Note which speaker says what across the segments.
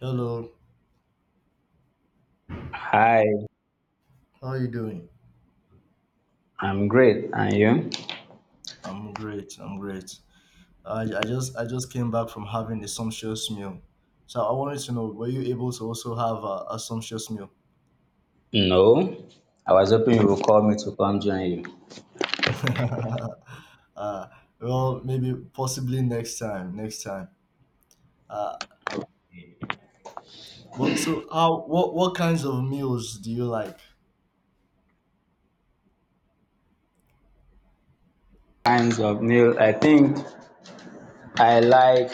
Speaker 1: Hello,
Speaker 2: Hi,
Speaker 1: how are you doing?
Speaker 2: I'm great. And you?
Speaker 1: I'm great. I just came back from having a sumptuous meal, so I wanted to know were you able to also have a sumptuous meal?
Speaker 2: No, I was hoping you would call me to come join you.
Speaker 1: uh, well, maybe possibly next time. Next time. Uh, what so how what kinds of meals do you like?
Speaker 2: Kinds of meal, I think I like.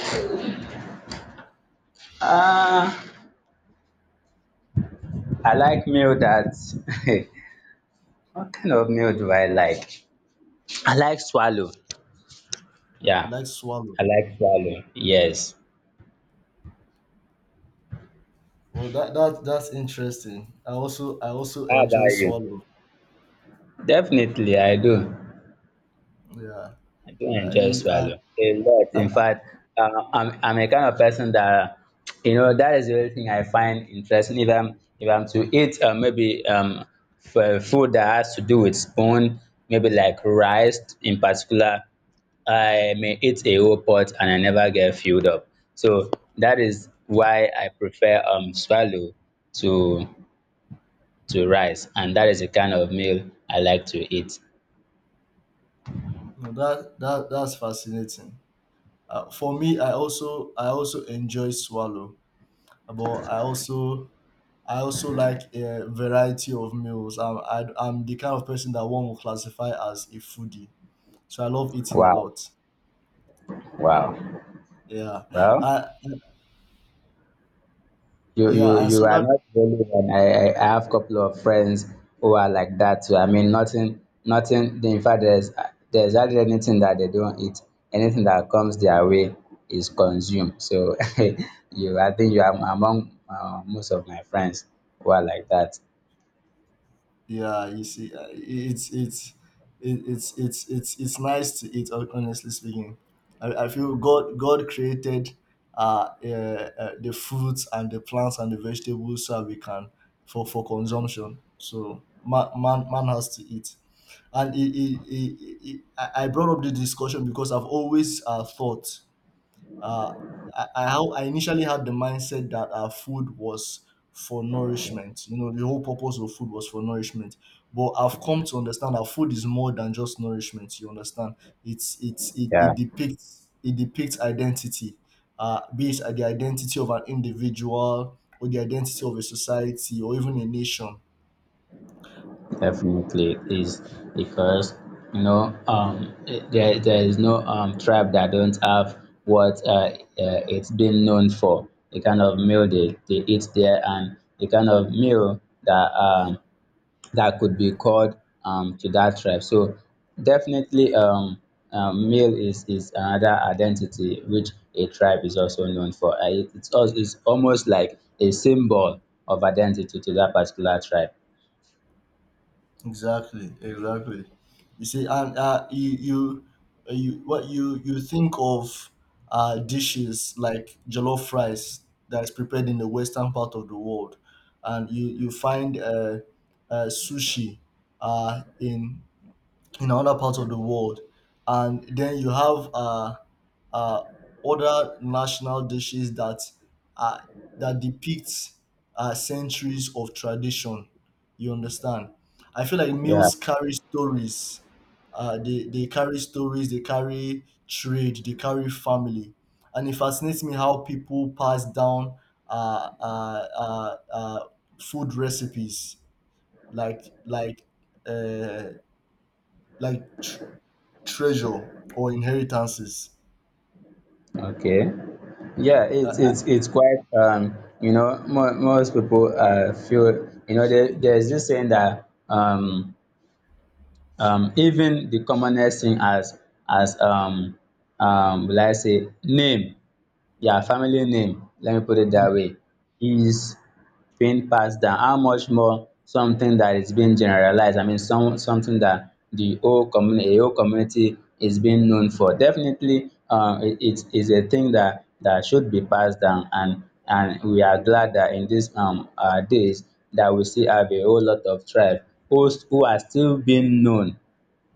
Speaker 2: Ah, I like meal that. What kind of meal do I like? I like swallow.
Speaker 1: You
Speaker 2: Yeah,
Speaker 1: like swallow?
Speaker 2: I like swallow. Yes.
Speaker 1: Well, that's interesting. I also
Speaker 2: How
Speaker 1: enjoy
Speaker 2: about you?
Speaker 1: swallow.
Speaker 2: Definitely, I do.
Speaker 1: Yeah.
Speaker 2: I do
Speaker 1: Uh,
Speaker 2: enjoy
Speaker 1: you- I,
Speaker 2: swallow a lot.
Speaker 1: I,
Speaker 2: In fact, I'm a kind of person that you know that is the only thing I find interesting. If I'm to eat maybe for food that has to do with spoon, maybe like rice in particular, I may eat a whole pot and I never get filled up. So that is why I prefer swallow to to rice, and that is the kind of meal I like to eat.
Speaker 1: no, that's fascinating. For me, I also enjoy swallow, but I also like a variety of meals. I'm the kind of person that one will classify as a foodie, so I love eating a
Speaker 2: Wow,
Speaker 1: lot.
Speaker 2: wow,
Speaker 1: Yeah,
Speaker 2: well.
Speaker 1: I,
Speaker 2: You you
Speaker 1: yeah, and
Speaker 2: you
Speaker 1: so
Speaker 2: are
Speaker 1: that
Speaker 2: not the only one. I have couple of friends who are like that too. I mean, nothing. In fact, there's hardly anything that they don't eat. Anything that comes their way is consumed. So you, I think you are among most of my friends who are like that.
Speaker 1: Yeah, you see, it's it- it's nice to eat. Honestly speaking, I feel God created the fruits and the plants and the vegetables so we can for consumption. So man has to eat, and it, I brought up the discussion because I've always thought uh, I initially had the mindset that food was for nourishment. You know, the whole purpose of food was for nourishment. But I've come to understand that food is more than just nourishment. You understand?
Speaker 2: Yeah.
Speaker 1: It depicts identity, be it the identity of an individual or the identity of a society or even a nation.
Speaker 2: Definitely is, because you know there is no tribe that don't have what uh, it's been known for the kind of meal they eat there, and the kind of meal that that could be called to that tribe. So definitely meal is another identity which a tribe is also known for. It's also it's almost like a symbol of identity to that particular tribe.
Speaker 1: Exactly, exactly. You see, and you, what you think of dishes like jollof rice that's prepared in the western part of the world, and you find sushi uh, in in other parts of the world. And then you have uh, other national dishes that uh, that depicts centuries of tradition. You understand? I feel like
Speaker 2: Yeah.
Speaker 1: meals carry stories. They carry stories, they carry trade, they carry family. And it fascinates me how people pass down uh, uh, uh, uh, food recipes like uh, like tr- treasure or inheritances.
Speaker 2: Okay. Yeah,
Speaker 1: I-
Speaker 2: it's quite you know, mo most people feel, you know, there's this saying that even the commonest thing as as um will I say name, yeah, family name, let me put it
Speaker 1: Mm.
Speaker 2: that way, is being passed down. How much more something that is being generalized? I mean, something that the whole community is being known for. Definitely, it, it is a thing that that should be passed down, and we are glad that in these days that we still have a whole lot of tribe who are still being known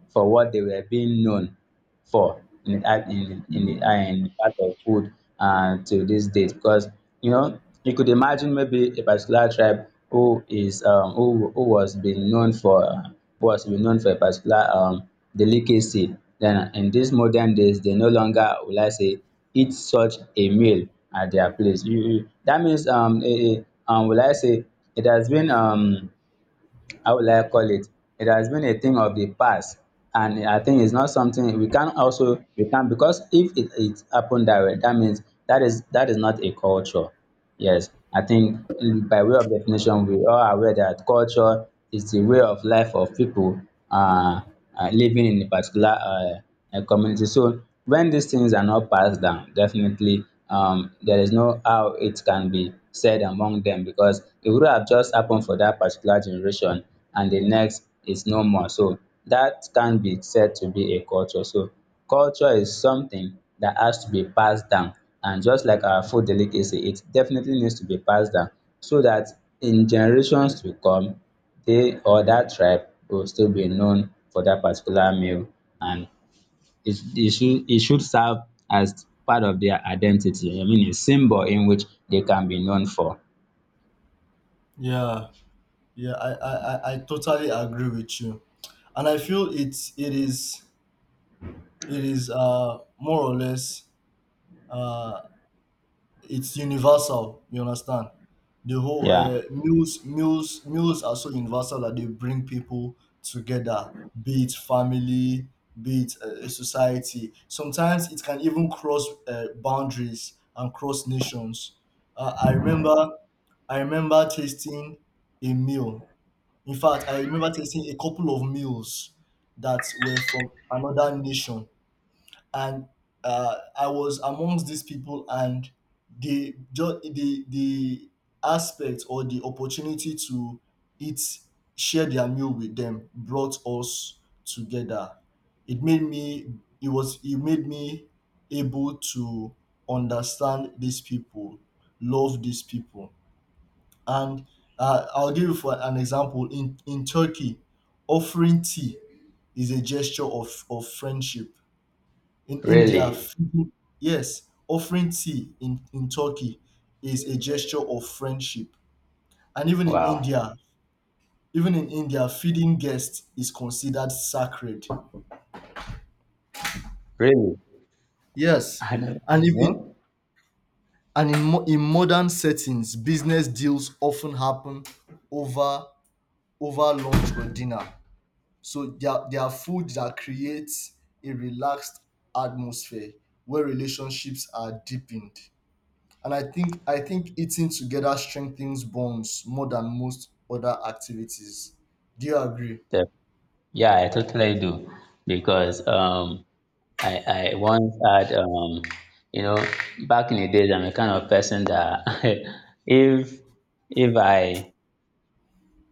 Speaker 2: for what they were being known for in the art in the part of food to this date. Because you know, you could imagine maybe a particular tribe who is who was being known for who was being known for a particular delicacy, then in these modern days they no longer, will I say, eat such a meal at their place. You that means will I say it has been how will I call it? It has been a thing of the past. And I think it's not something we can, because if it, it happened that way, that means that is not a culture. Yes. I think by way of definition, we are aware that culture is the way of life of people uh, living in a particular a community. So when these things are not passed down, definitely there is no how it can be said among them, because it would have just happened for that particular generation and the next is no more. So that can be said to be a culture. So culture is something that has to be passed down. And just like our food delicacy, it definitely needs to be passed down so that in generations to come, they or that tribe will still be known for that particular meal. And it should, it should serve as part of their identity. I mean, a symbol in which they can be known for.
Speaker 1: Yeah, I totally agree with you, and I feel it is more or less uh it's universal, you understand, the whole
Speaker 2: Yeah,
Speaker 1: meals are so universal that they bring people together, be it family, be it society. Sometimes it can even cross boundaries and cross nations. uh, i remember I remember tasting a meal. In fact, I remember tasting a couple of meals that were from another nation, and I was amongst these people, and the aspect or the opportunity to eat share their meal with them brought us together. It made me it made me able to understand these people, love these people, and I'll give you for an example, in Turkey, offering tea is a gesture of friendship. In India,
Speaker 2: really.
Speaker 1: yes, offering tea in Turkey is a gesture of friendship. And
Speaker 2: Wow,
Speaker 1: Even in India, feeding guests is considered sacred.
Speaker 2: really.
Speaker 1: Yes,
Speaker 2: I don't
Speaker 1: and if in,
Speaker 2: know.
Speaker 1: and in, mo- in modern settings, business deals often happen over over lunch or dinner. So there are food that creates a relaxed atmosphere where relationships are deepened. And I think eating together strengthens bonds more than most other activities. Do you agree?
Speaker 2: The- yeah, I totally do because I once had you know, back in the days, I'm a kind of person that if if I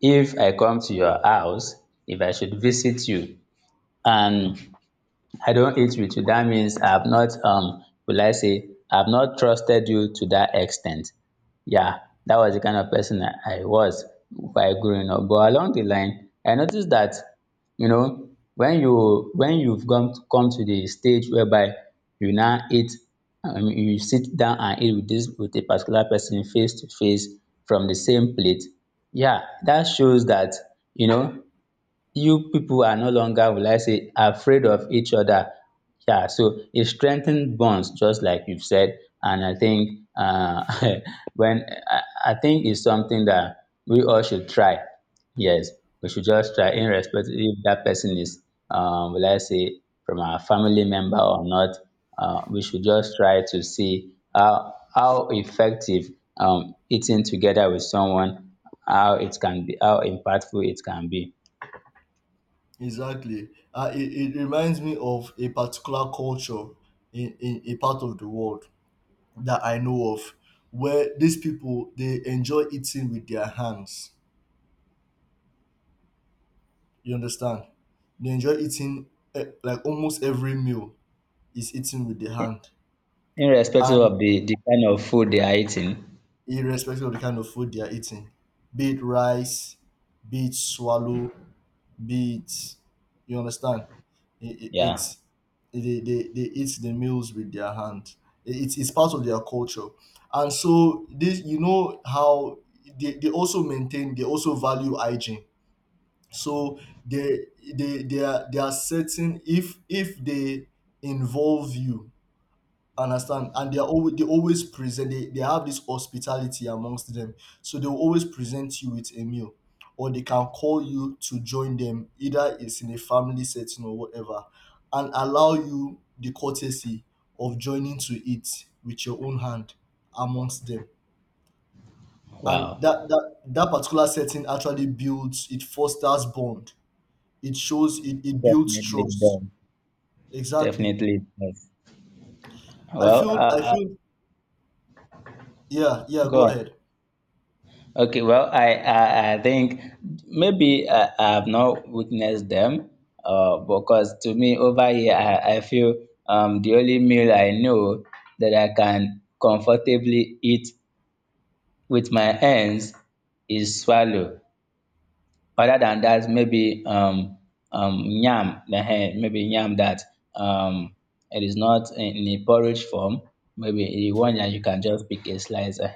Speaker 2: if I come to your house, if I should visit you and I don't eat with you, that means I have not, will I say, I have not trusted you to that extent? Yeah, that was the kind of person I was while growing up. But along the line I noticed that, you know, when you've come to the stage whereby you now eat, you sit down and eat with this with a particular person face to face from the same plate. Yeah, that shows that, you know, you people are no longer, will I say, afraid of each other. Yeah, so it strengthens bonds, just like you've said. And I think, uh when I, I think it's something that we all should try. Yes, we should just try, irrespective if that person is, will I say, from our family member or not. We should just try to see how effective eating together with someone, how it can be, how impactful it can be.
Speaker 1: Exactly. It reminds me of a particular culture in a part of the world that I know of, where these people, they enjoy eating with their hands. You understand, they enjoy eating, like almost every meal is eaten with the hand.
Speaker 2: Irrespective
Speaker 1: And
Speaker 2: of the kind of food they are eating.
Speaker 1: irrespective of the kind of food they are eating, be it rice, be it swallow, be it, you understand.
Speaker 2: Yeah.
Speaker 1: It's they eat the meals with their hand. It's part of their culture, and so this, you know how they also maintain, they also value hygiene. So they they are certain if they involve you. Understand? And they are always, they always present, they have this hospitality amongst them. So they will always present you with a meal. Or they can call you to join them, either it's in a family setting or whatever, and allow you the courtesy of joining to eat with your own hand amongst them. And
Speaker 2: Wow.
Speaker 1: that particular setting actually builds it fosters bond. It shows it builds
Speaker 2: Definitely it
Speaker 1: trust.
Speaker 2: does.
Speaker 1: Exactly.
Speaker 2: Definitely it does. Well,
Speaker 1: I feel, yeah, yeah,
Speaker 2: go
Speaker 1: go
Speaker 2: on.
Speaker 1: ahead.
Speaker 2: Okay. Well, I think maybe I have not witnessed them, because to me over here I feel the only meal I know that I can comfortably eat with my hands is swallow. Other than that, maybe yam, maybe yam that um it is not in a porridge form, maybe the one that you can just pick a slice.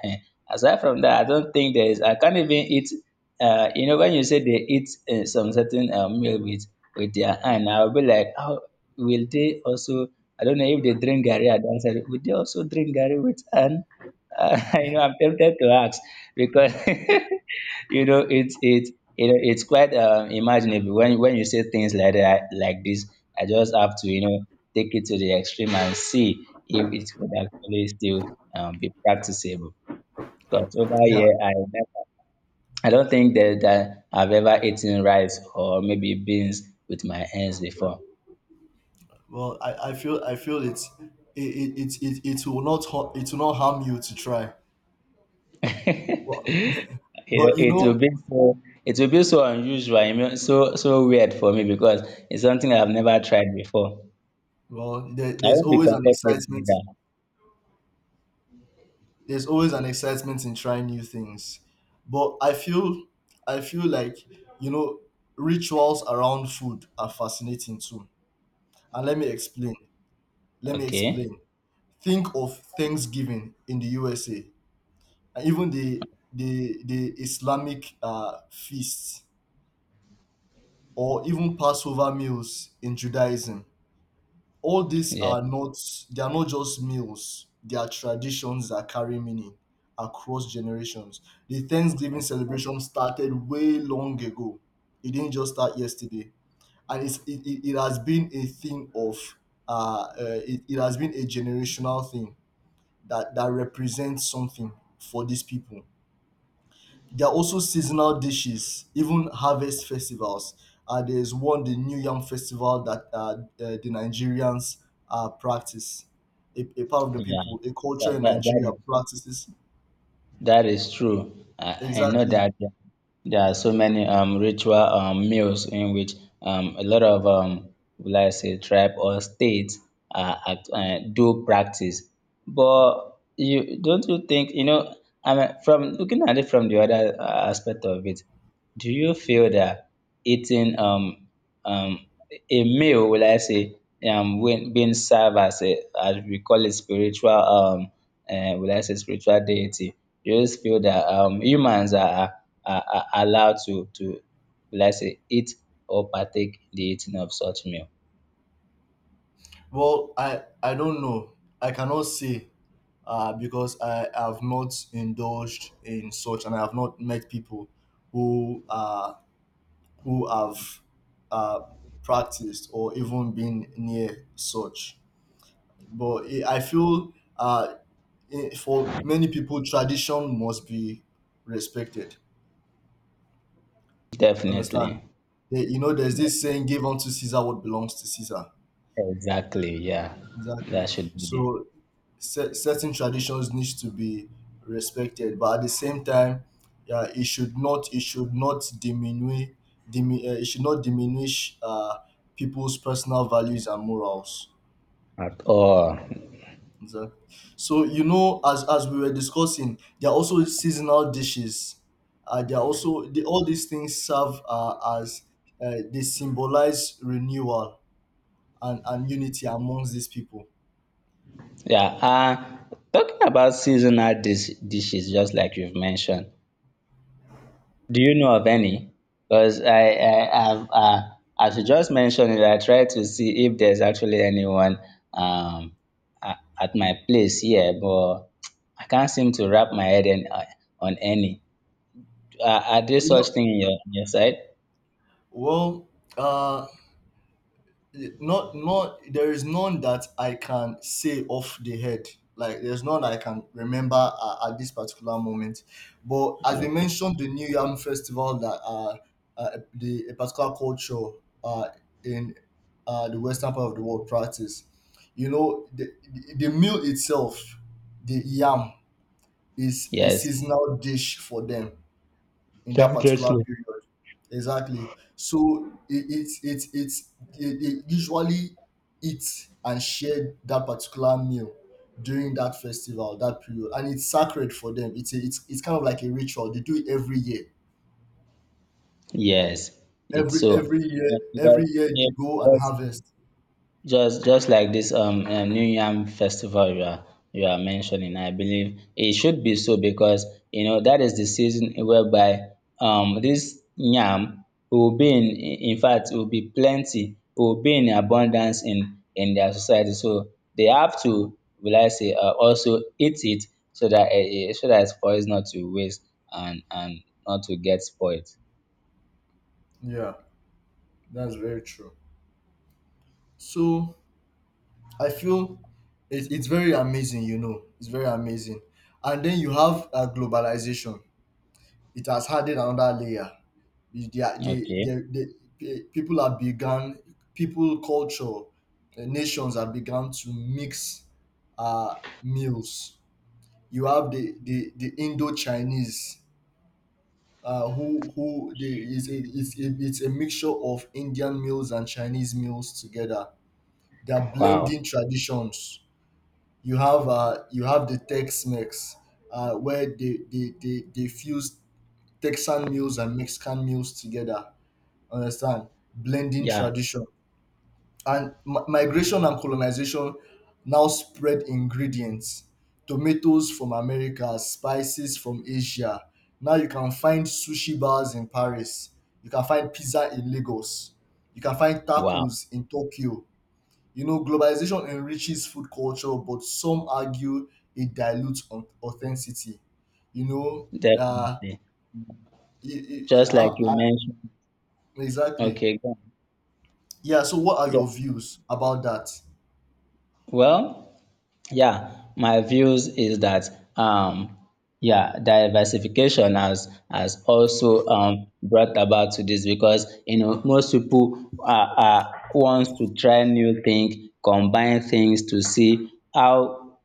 Speaker 2: Aside from that, I don't think there is. I can't even eat. You know, when you say they eat some certain meal with their hand, I will be like, how will they also, I don't know if they drink gari. I don't say, will they also drink gari with hand? You know, I'm tempted to ask because
Speaker 1: Mhm.
Speaker 2: you know, it's quite imaginable when you say things like that like this, I just have to, you know, take it to the extreme and see if it could actually still, be practicable. Because over
Speaker 1: Yeah,
Speaker 2: here I never, I don't think that I've ever eaten rice or maybe beans with my hands before.
Speaker 1: well, I feel it's it will not it will not harm you to try. But
Speaker 2: You know,
Speaker 1: but you know,
Speaker 2: it will be so unusual, you know, so weird for me, because it's something I've never tried before.
Speaker 1: well, there,
Speaker 2: I
Speaker 1: there's
Speaker 2: won't be
Speaker 1: always an
Speaker 2: comfortable with
Speaker 1: excitement.
Speaker 2: that.
Speaker 1: There's always an excitement in trying new things. But I feel like, you know, rituals around food are fascinating too. And let me explain. Let me
Speaker 2: Okay.
Speaker 1: explain. Think of Thanksgiving in the USA and even the Islamic feasts or even Passover meals in Judaism. All these
Speaker 2: Yeah,
Speaker 1: are not just meals, they are traditions that carry meaning across generations. The Thanksgiving celebration started way long ago. It didn't just start yesterday. And it has been a thing of it has been a generational thing that, that represents something for these people. There are also seasonal dishes, even harvest festivals. There's one, the New Yam Festival, that the Nigerians practice. A part of the
Speaker 2: yeah,
Speaker 1: people, a culture
Speaker 2: that,
Speaker 1: in
Speaker 2: that, that,
Speaker 1: Nigeria
Speaker 2: is-
Speaker 1: practices.
Speaker 2: that is true. I know
Speaker 1: Exactly.
Speaker 2: that there are so many ritual meals in which a lot of, will I say, tribe or states do practice. But you don't you think, you know, I mean, from looking at it from the other aspect of it, do you feel that eating um, a meal, will I say, when being served as a, as we call it, spiritual, will I say, spiritual deity? You just feel that humans are allowed to, will I say, eat or partake in the eating of such meal?
Speaker 1: Well, I don't know. I cannot say, because I have not indulged in such, and I have not met people who uh, who have uh, practiced or even been near such. But I feel for many people, tradition must be respected. Understand?
Speaker 2: Definitely.
Speaker 1: You know, there's this saying, give unto Caesar what belongs to Caesar.
Speaker 2: Exactly, yeah.
Speaker 1: Exactly.
Speaker 2: That should be
Speaker 1: So certain traditions need to be respected, but at the same time, yeah, it should not diminish it should not diminish people's personal values and morals.
Speaker 2: at all.
Speaker 1: Exactly. So you know, as we were discussing, there are also seasonal dishes. There are also the, all these things serve as they symbolize renewal and unity amongst these people.
Speaker 2: Yeah. Talking about seasonal dishes, just like you've mentioned, do you know of any? Because I've, as you just mentioned it, I tried to see if there's actually anyone um, at my place here, but I can't seem to wrap my head in, on any. Are there
Speaker 1: You
Speaker 2: such
Speaker 1: know,
Speaker 2: thing in your, on your side?
Speaker 1: well, uh, not there is none that I can say off the head. Like there's none I can remember at this particular moment. But as we
Speaker 2: Okay.
Speaker 1: mentioned, the New Yam Festival that the a particular culture uh in the western part of the world practice. You know the meal itself, the yam is a
Speaker 2: Yes.
Speaker 1: seasonal dish for them in that particular
Speaker 2: Definitely.
Speaker 1: period. Exactly. So it usually eat and share that particular meal during that festival, that period, and it's sacred for them. It's a, it's it's kind of like a ritual. They do it every year.
Speaker 2: Yes. It's
Speaker 1: Every
Speaker 2: so.
Speaker 1: every year,
Speaker 2: Because
Speaker 1: every year they
Speaker 2: if-
Speaker 1: go and harvest.
Speaker 2: just like this new yam festival you are, you are mentioning, I believe it should be so, because you know that is the season whereby this yam will be in fact will be plenty, will be in abundance in their society. So they have to, will I say, also eat it so that so that for it not to waste and not to get spoiled.
Speaker 1: Yeah, that's very true. So I feel it, it's very amazing. You know, it's very amazing. And then you have globalization. It has added another layer. They are
Speaker 2: Okay.
Speaker 1: they people have begun people culture nations have begun to mix uh meals. You have the Indo Chinese, who they, is a, it's, a, it's a mixture of Indian meals and Chinese meals together. They are
Speaker 2: Wow.
Speaker 1: blending traditions. You have the Tex-Mex, where they fuse Texan meals and Mexican meals together, understand, blending
Speaker 2: Yeah.
Speaker 1: tradition. And migration and colonization now spread ingredients, tomatoes from America, spices from Asia. Now you can find sushi bars in Paris, you can find pizza in Lagos, you can find
Speaker 2: Wow.
Speaker 1: tacos in Tokyo. You know, globalization enriches food culture, but some argue it dilutes authenticity, you know. uh,
Speaker 2: Definitely.
Speaker 1: e- e- e-
Speaker 2: Just like
Speaker 1: ah,
Speaker 2: you
Speaker 1: ah,
Speaker 2: mentioned.
Speaker 1: exactly.
Speaker 2: Okay, go on.
Speaker 1: Yeah, so what are
Speaker 2: Yeah.
Speaker 1: your views about that?
Speaker 2: Well, yeah, my views is that um yeah, diversification has also brought about to this because you know most people are wants to try new things, combine things to see how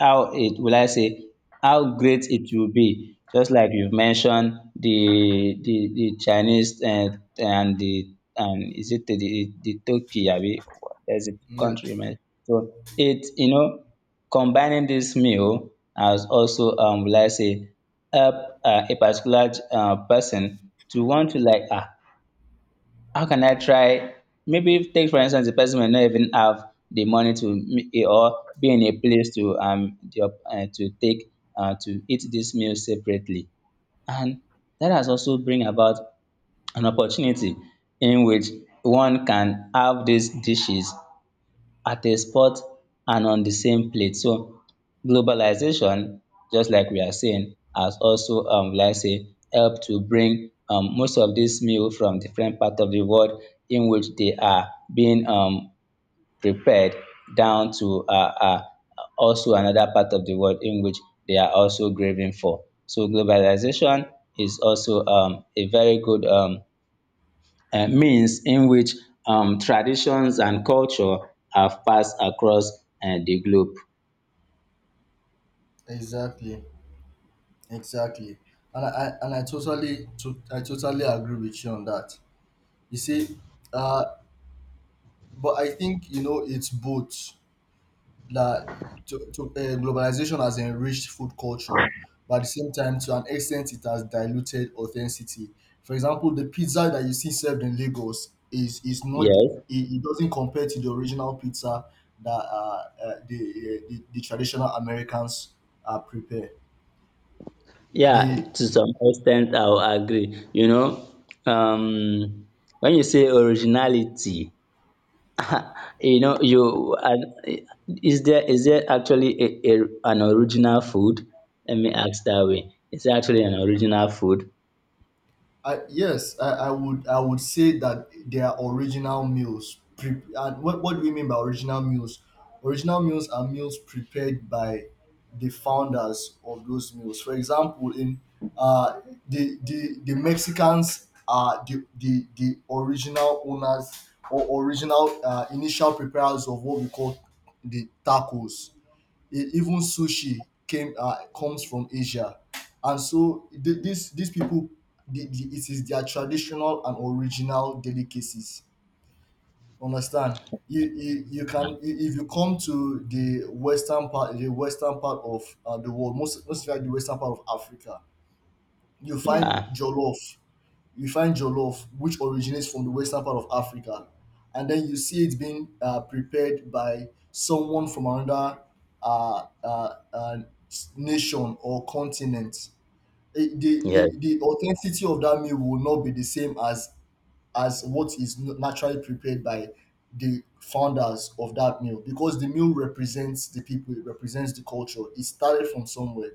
Speaker 2: how it will I say, how great it will be. Just like you've mentioned the Chinese and the and is it the Turkey abi there's a
Speaker 1: Yeah.
Speaker 2: country, man? So it, you know, combining this meal has also will I say help a particular person to want to like, ah, how can I try? Maybe if take for instance the person may not even have the money or be in a place to the op- to take to eat this meal separately, and that has also bring about an opportunity in which one can have these dishes at a spot and on the same plate. So globalization, just like we are saying, has also like say helped to bring most of these meal from different part of the world in which they are being prepared down to also another part of the world in which they are also craving for. So globalization is also a very good means in which traditions and culture have passed across the globe.
Speaker 1: Exactly, exactly, and I totally agree with you on that. You see, uh, but I think you know it's both. that to globalization has enriched food culture, but at the same time, to an extent, it has diluted authenticity. For example, the pizza that you see served in Lagos is not it,
Speaker 2: Yes.
Speaker 1: it doesn't compare to the original pizza that the traditional Americans prepare.
Speaker 2: Yeah,
Speaker 1: The
Speaker 2: to some extent I will agree. You know, um when you say originality, you know, you and is there actually a an original food? Let me ask that way. Is there actually an original food?
Speaker 1: yes, I would say that they are original meals. And what do we mean by original meals? Original meals are meals prepared by the founders of those meals. For example, in uh, the Mexicans are the original owners or original initial preparers of what we call the tacos. Even sushi came comes from Asia, and so these people, it is their traditional and original delicacies. Understand? You can if you come to the western part of the world, most especially the western part of Africa, you find
Speaker 2: Yeah.
Speaker 1: jollof you find jollof, which originates from the western part of Africa, and then you see it being prepared by someone from another uh, uh, uh, nation or continent.
Speaker 2: Yeah. Yes,
Speaker 1: The authenticity of that meal will not be the same as what is naturally prepared by the founders of that meal, because the meal represents the people, it represents the culture. It started from somewhere.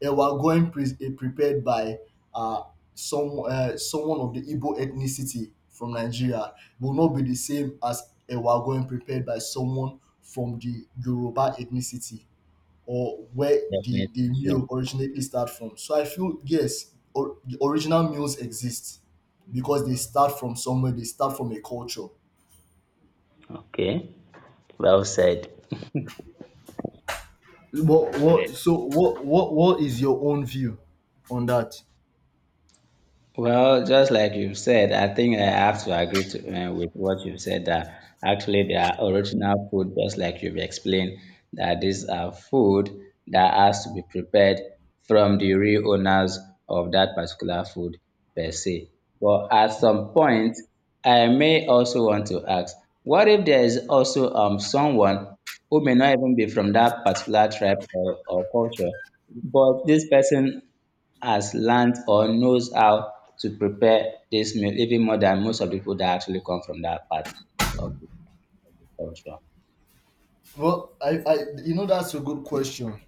Speaker 1: And we're going prepared by uh, someone of the Igbo ethnicity from Nigeria will not be the same as a going prepared by someone from the Yoruba ethnicity, or where the,
Speaker 2: definitely.
Speaker 1: the meal
Speaker 2: True.
Speaker 1: originally start from. So I feel, yes, or, the original meals exist because they start from somewhere, they start from a culture.
Speaker 2: Okay. Well said. Well
Speaker 1: What, what,
Speaker 2: said.
Speaker 1: so what, what, what is your own view on that?
Speaker 2: Well, just like you've said, I think I have to agree to, with what you've said that actually they are original food, just like you've explained, that these are food that has to be prepared from the real owners of that particular food per se. But at some point, I may also want to ask, what if there is also someone who may not even be from that particular tribe or culture, but this person has learned or knows how to prepare this meal even more than most of the people that actually come from that part of the culture.
Speaker 1: Well, I you know that's a good question.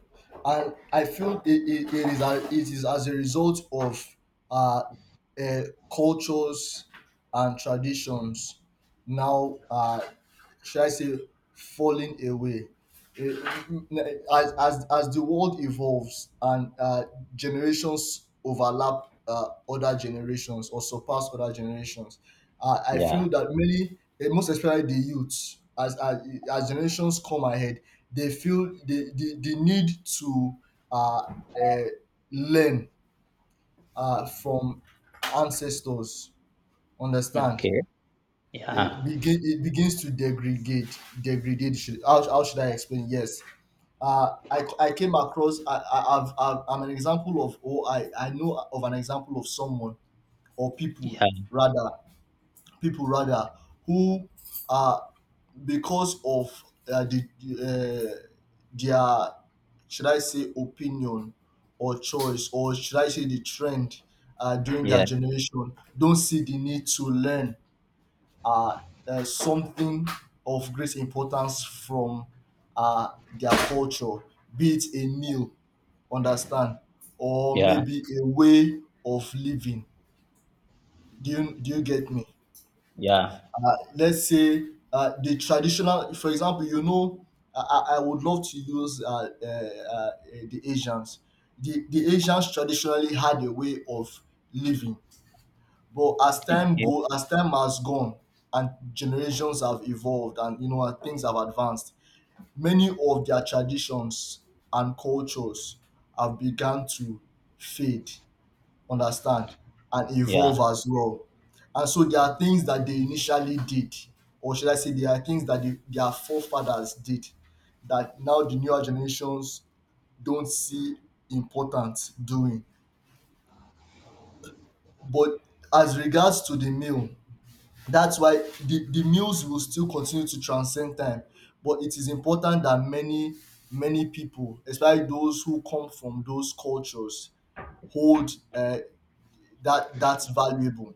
Speaker 1: And I feel it is it is as a result of uh, uh cultures and traditions now. Should I say, falling away. Eh, as the world evolves, and generations overlap other generations or surpass other generations, I
Speaker 2: Yeah.
Speaker 1: feel that many, most especially the youths, as generations come ahead, they feel the need to uh, uh, learn from ancestors, understand?
Speaker 2: Okay. Yeah.
Speaker 1: It begins to degrade, degrade. Should, how should I explain? Yes, I came across I, I've, I'm an example of Oh, I know of an example of someone or people
Speaker 2: Yeah.
Speaker 1: rather, people, rather, who, uh, because of uh, the, the, their, should I say, opinion or choice, or should I say the trend during their
Speaker 2: Yeah.
Speaker 1: generation, don't see the need to learn uh, something of great importance from uh, their culture, be it a meal, understand, or
Speaker 2: Yeah.
Speaker 1: maybe a way of living. Do you get me?
Speaker 2: Yeah.
Speaker 1: Let's say the traditional, for example, you know, I would love to use the Asians. The Asians traditionally had a way of living, but as
Speaker 2: Okay.
Speaker 1: as time has gone, and generations have evolved, and you know, and things have advanced, many of their traditions and cultures have begun to fade, understand, and
Speaker 2: Yeah.
Speaker 1: evolve as well. And so there are things that they initially did, or should I say, there are things that their forefathers did, that now the newer generations don't see important doing. But as regards to the meal, that's why the news will still continue to transcend time, but it is important that many people, especially those who come from those cultures, hold that that's valuable.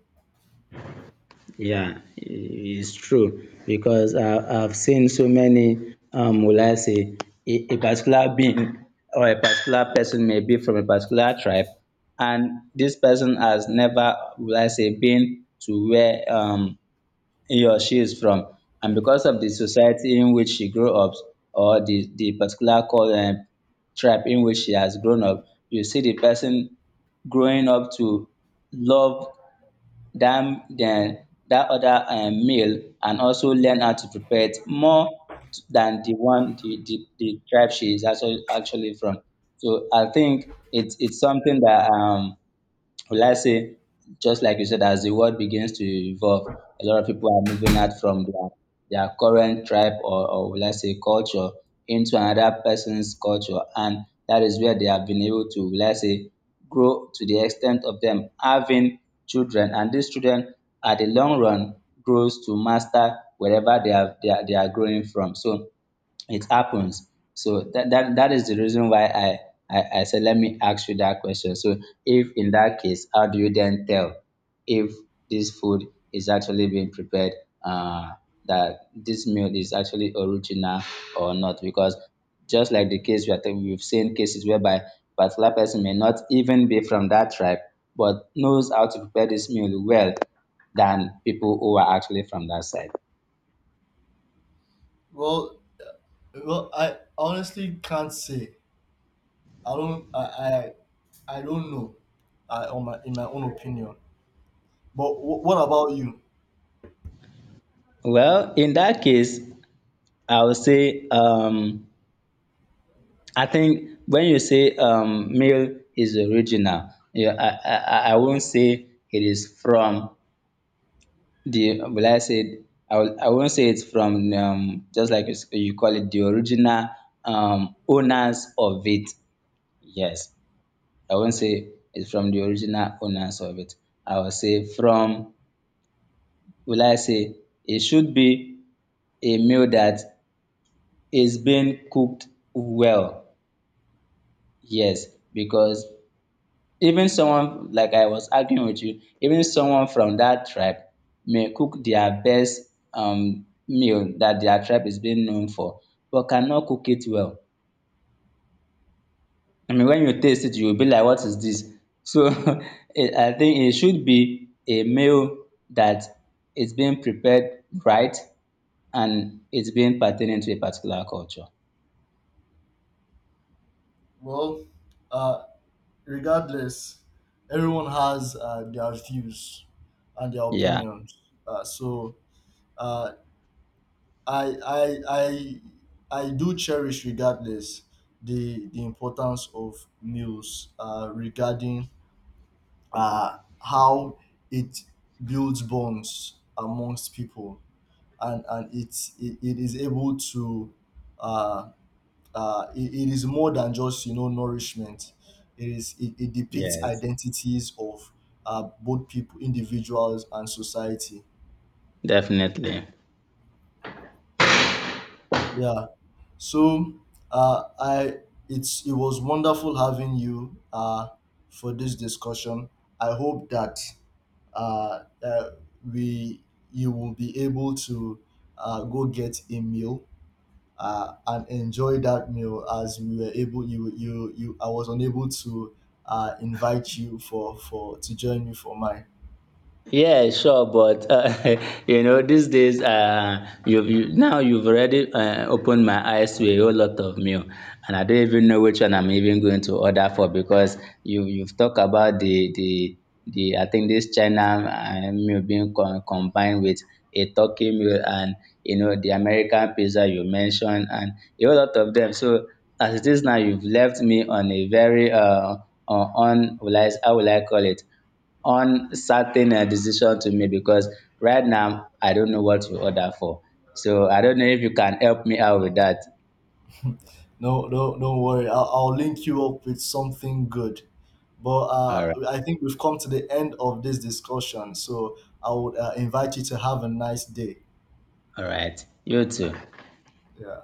Speaker 2: Yeah. It's true because I've seen so many, will I say, a particular being or a particular person may be from a particular tribe, and this person has never, will I say, been to where your she is from, and because of the society in which she grew up or the particular cul tribe in which she has grown up, you see the person growing up to love that other meal and also learn how to prepare it more than the one the tribe she is actually from. So I think it's something that, will I say, just like you said, as the world begins to evolve, a lot of people are moving out from their current tribe or will I say culture into another person's culture. And that is where they have been able to, will I say, grow to the extent of them having children. And these children, at the long run, grows to master wherever they are growing from. So it happens so that that is the reason why I said let me ask you that question. So if in that case, how do you then tell if this food is actually being prepared, uh that this meal is actually original or not, because just like the case we are talking, we've seen cases whereby particular person may not even be from that tribe but knows how to prepare this meal well than people who are actually from that side.
Speaker 1: Well, well, I, honestly can't say. I don't. I don't know. In my own opinion. But what about you?
Speaker 2: Well, in that case I would say, I think when you say, meal is original, yeah, I won't say it is from the, will I say, I won't say it's from, just like you call it, the original, owners of it. Yes, I won't say it's from the original owners of it. I will say from, will I say, it should be a meal that is being cooked well. Yes, because even someone, like I was arguing with you, even someone from that tribe may cook their best, meal that their tribe is being known for, but cannot cook it well. I mean, when you taste it, you will be like, what is this? So I think it should be a meal that is being prepared right and it's being pertaining to a particular culture.
Speaker 1: Well, uh, regardless, everyone has their views and their
Speaker 2: Yeah,
Speaker 1: opinions. Uh, so uh, I, I, I, I do cherish, regardless, the importance of meals regarding how it builds bonds amongst people, and, it's, it is able to uh, it is more than just, you know, nourishment. It is it depicts
Speaker 2: yes,
Speaker 1: identities of both people, individuals and society.
Speaker 2: definitely.
Speaker 1: Yeah. So, I it's, it was wonderful having you for this discussion. I hope that uh, uh, we you will be able to go get a meal and enjoy that meal, as we were able. You I was unable to invite you for to join me for mine.
Speaker 2: Yeah, sure, but you know, these days, you've now you've already opened my eyes to a whole lot of meal, and I don't even know which one I'm even going to order for, because you've talked about the I think this China meal being combined with a turkey meal, and you know, the American pizza you mentioned, and a whole lot of them. So as it is now, you've left me on a very, on, how will I call it, uncertain, decision to me, because right now I don't know what you order for. So I don't know if you can help me out with that.
Speaker 1: No, no, don't worry. I'll link you up with something good. But
Speaker 2: All right.
Speaker 1: I think we've come to the end of this discussion, so I would invite you to have a nice day.
Speaker 2: All right. You too.
Speaker 1: Yeah.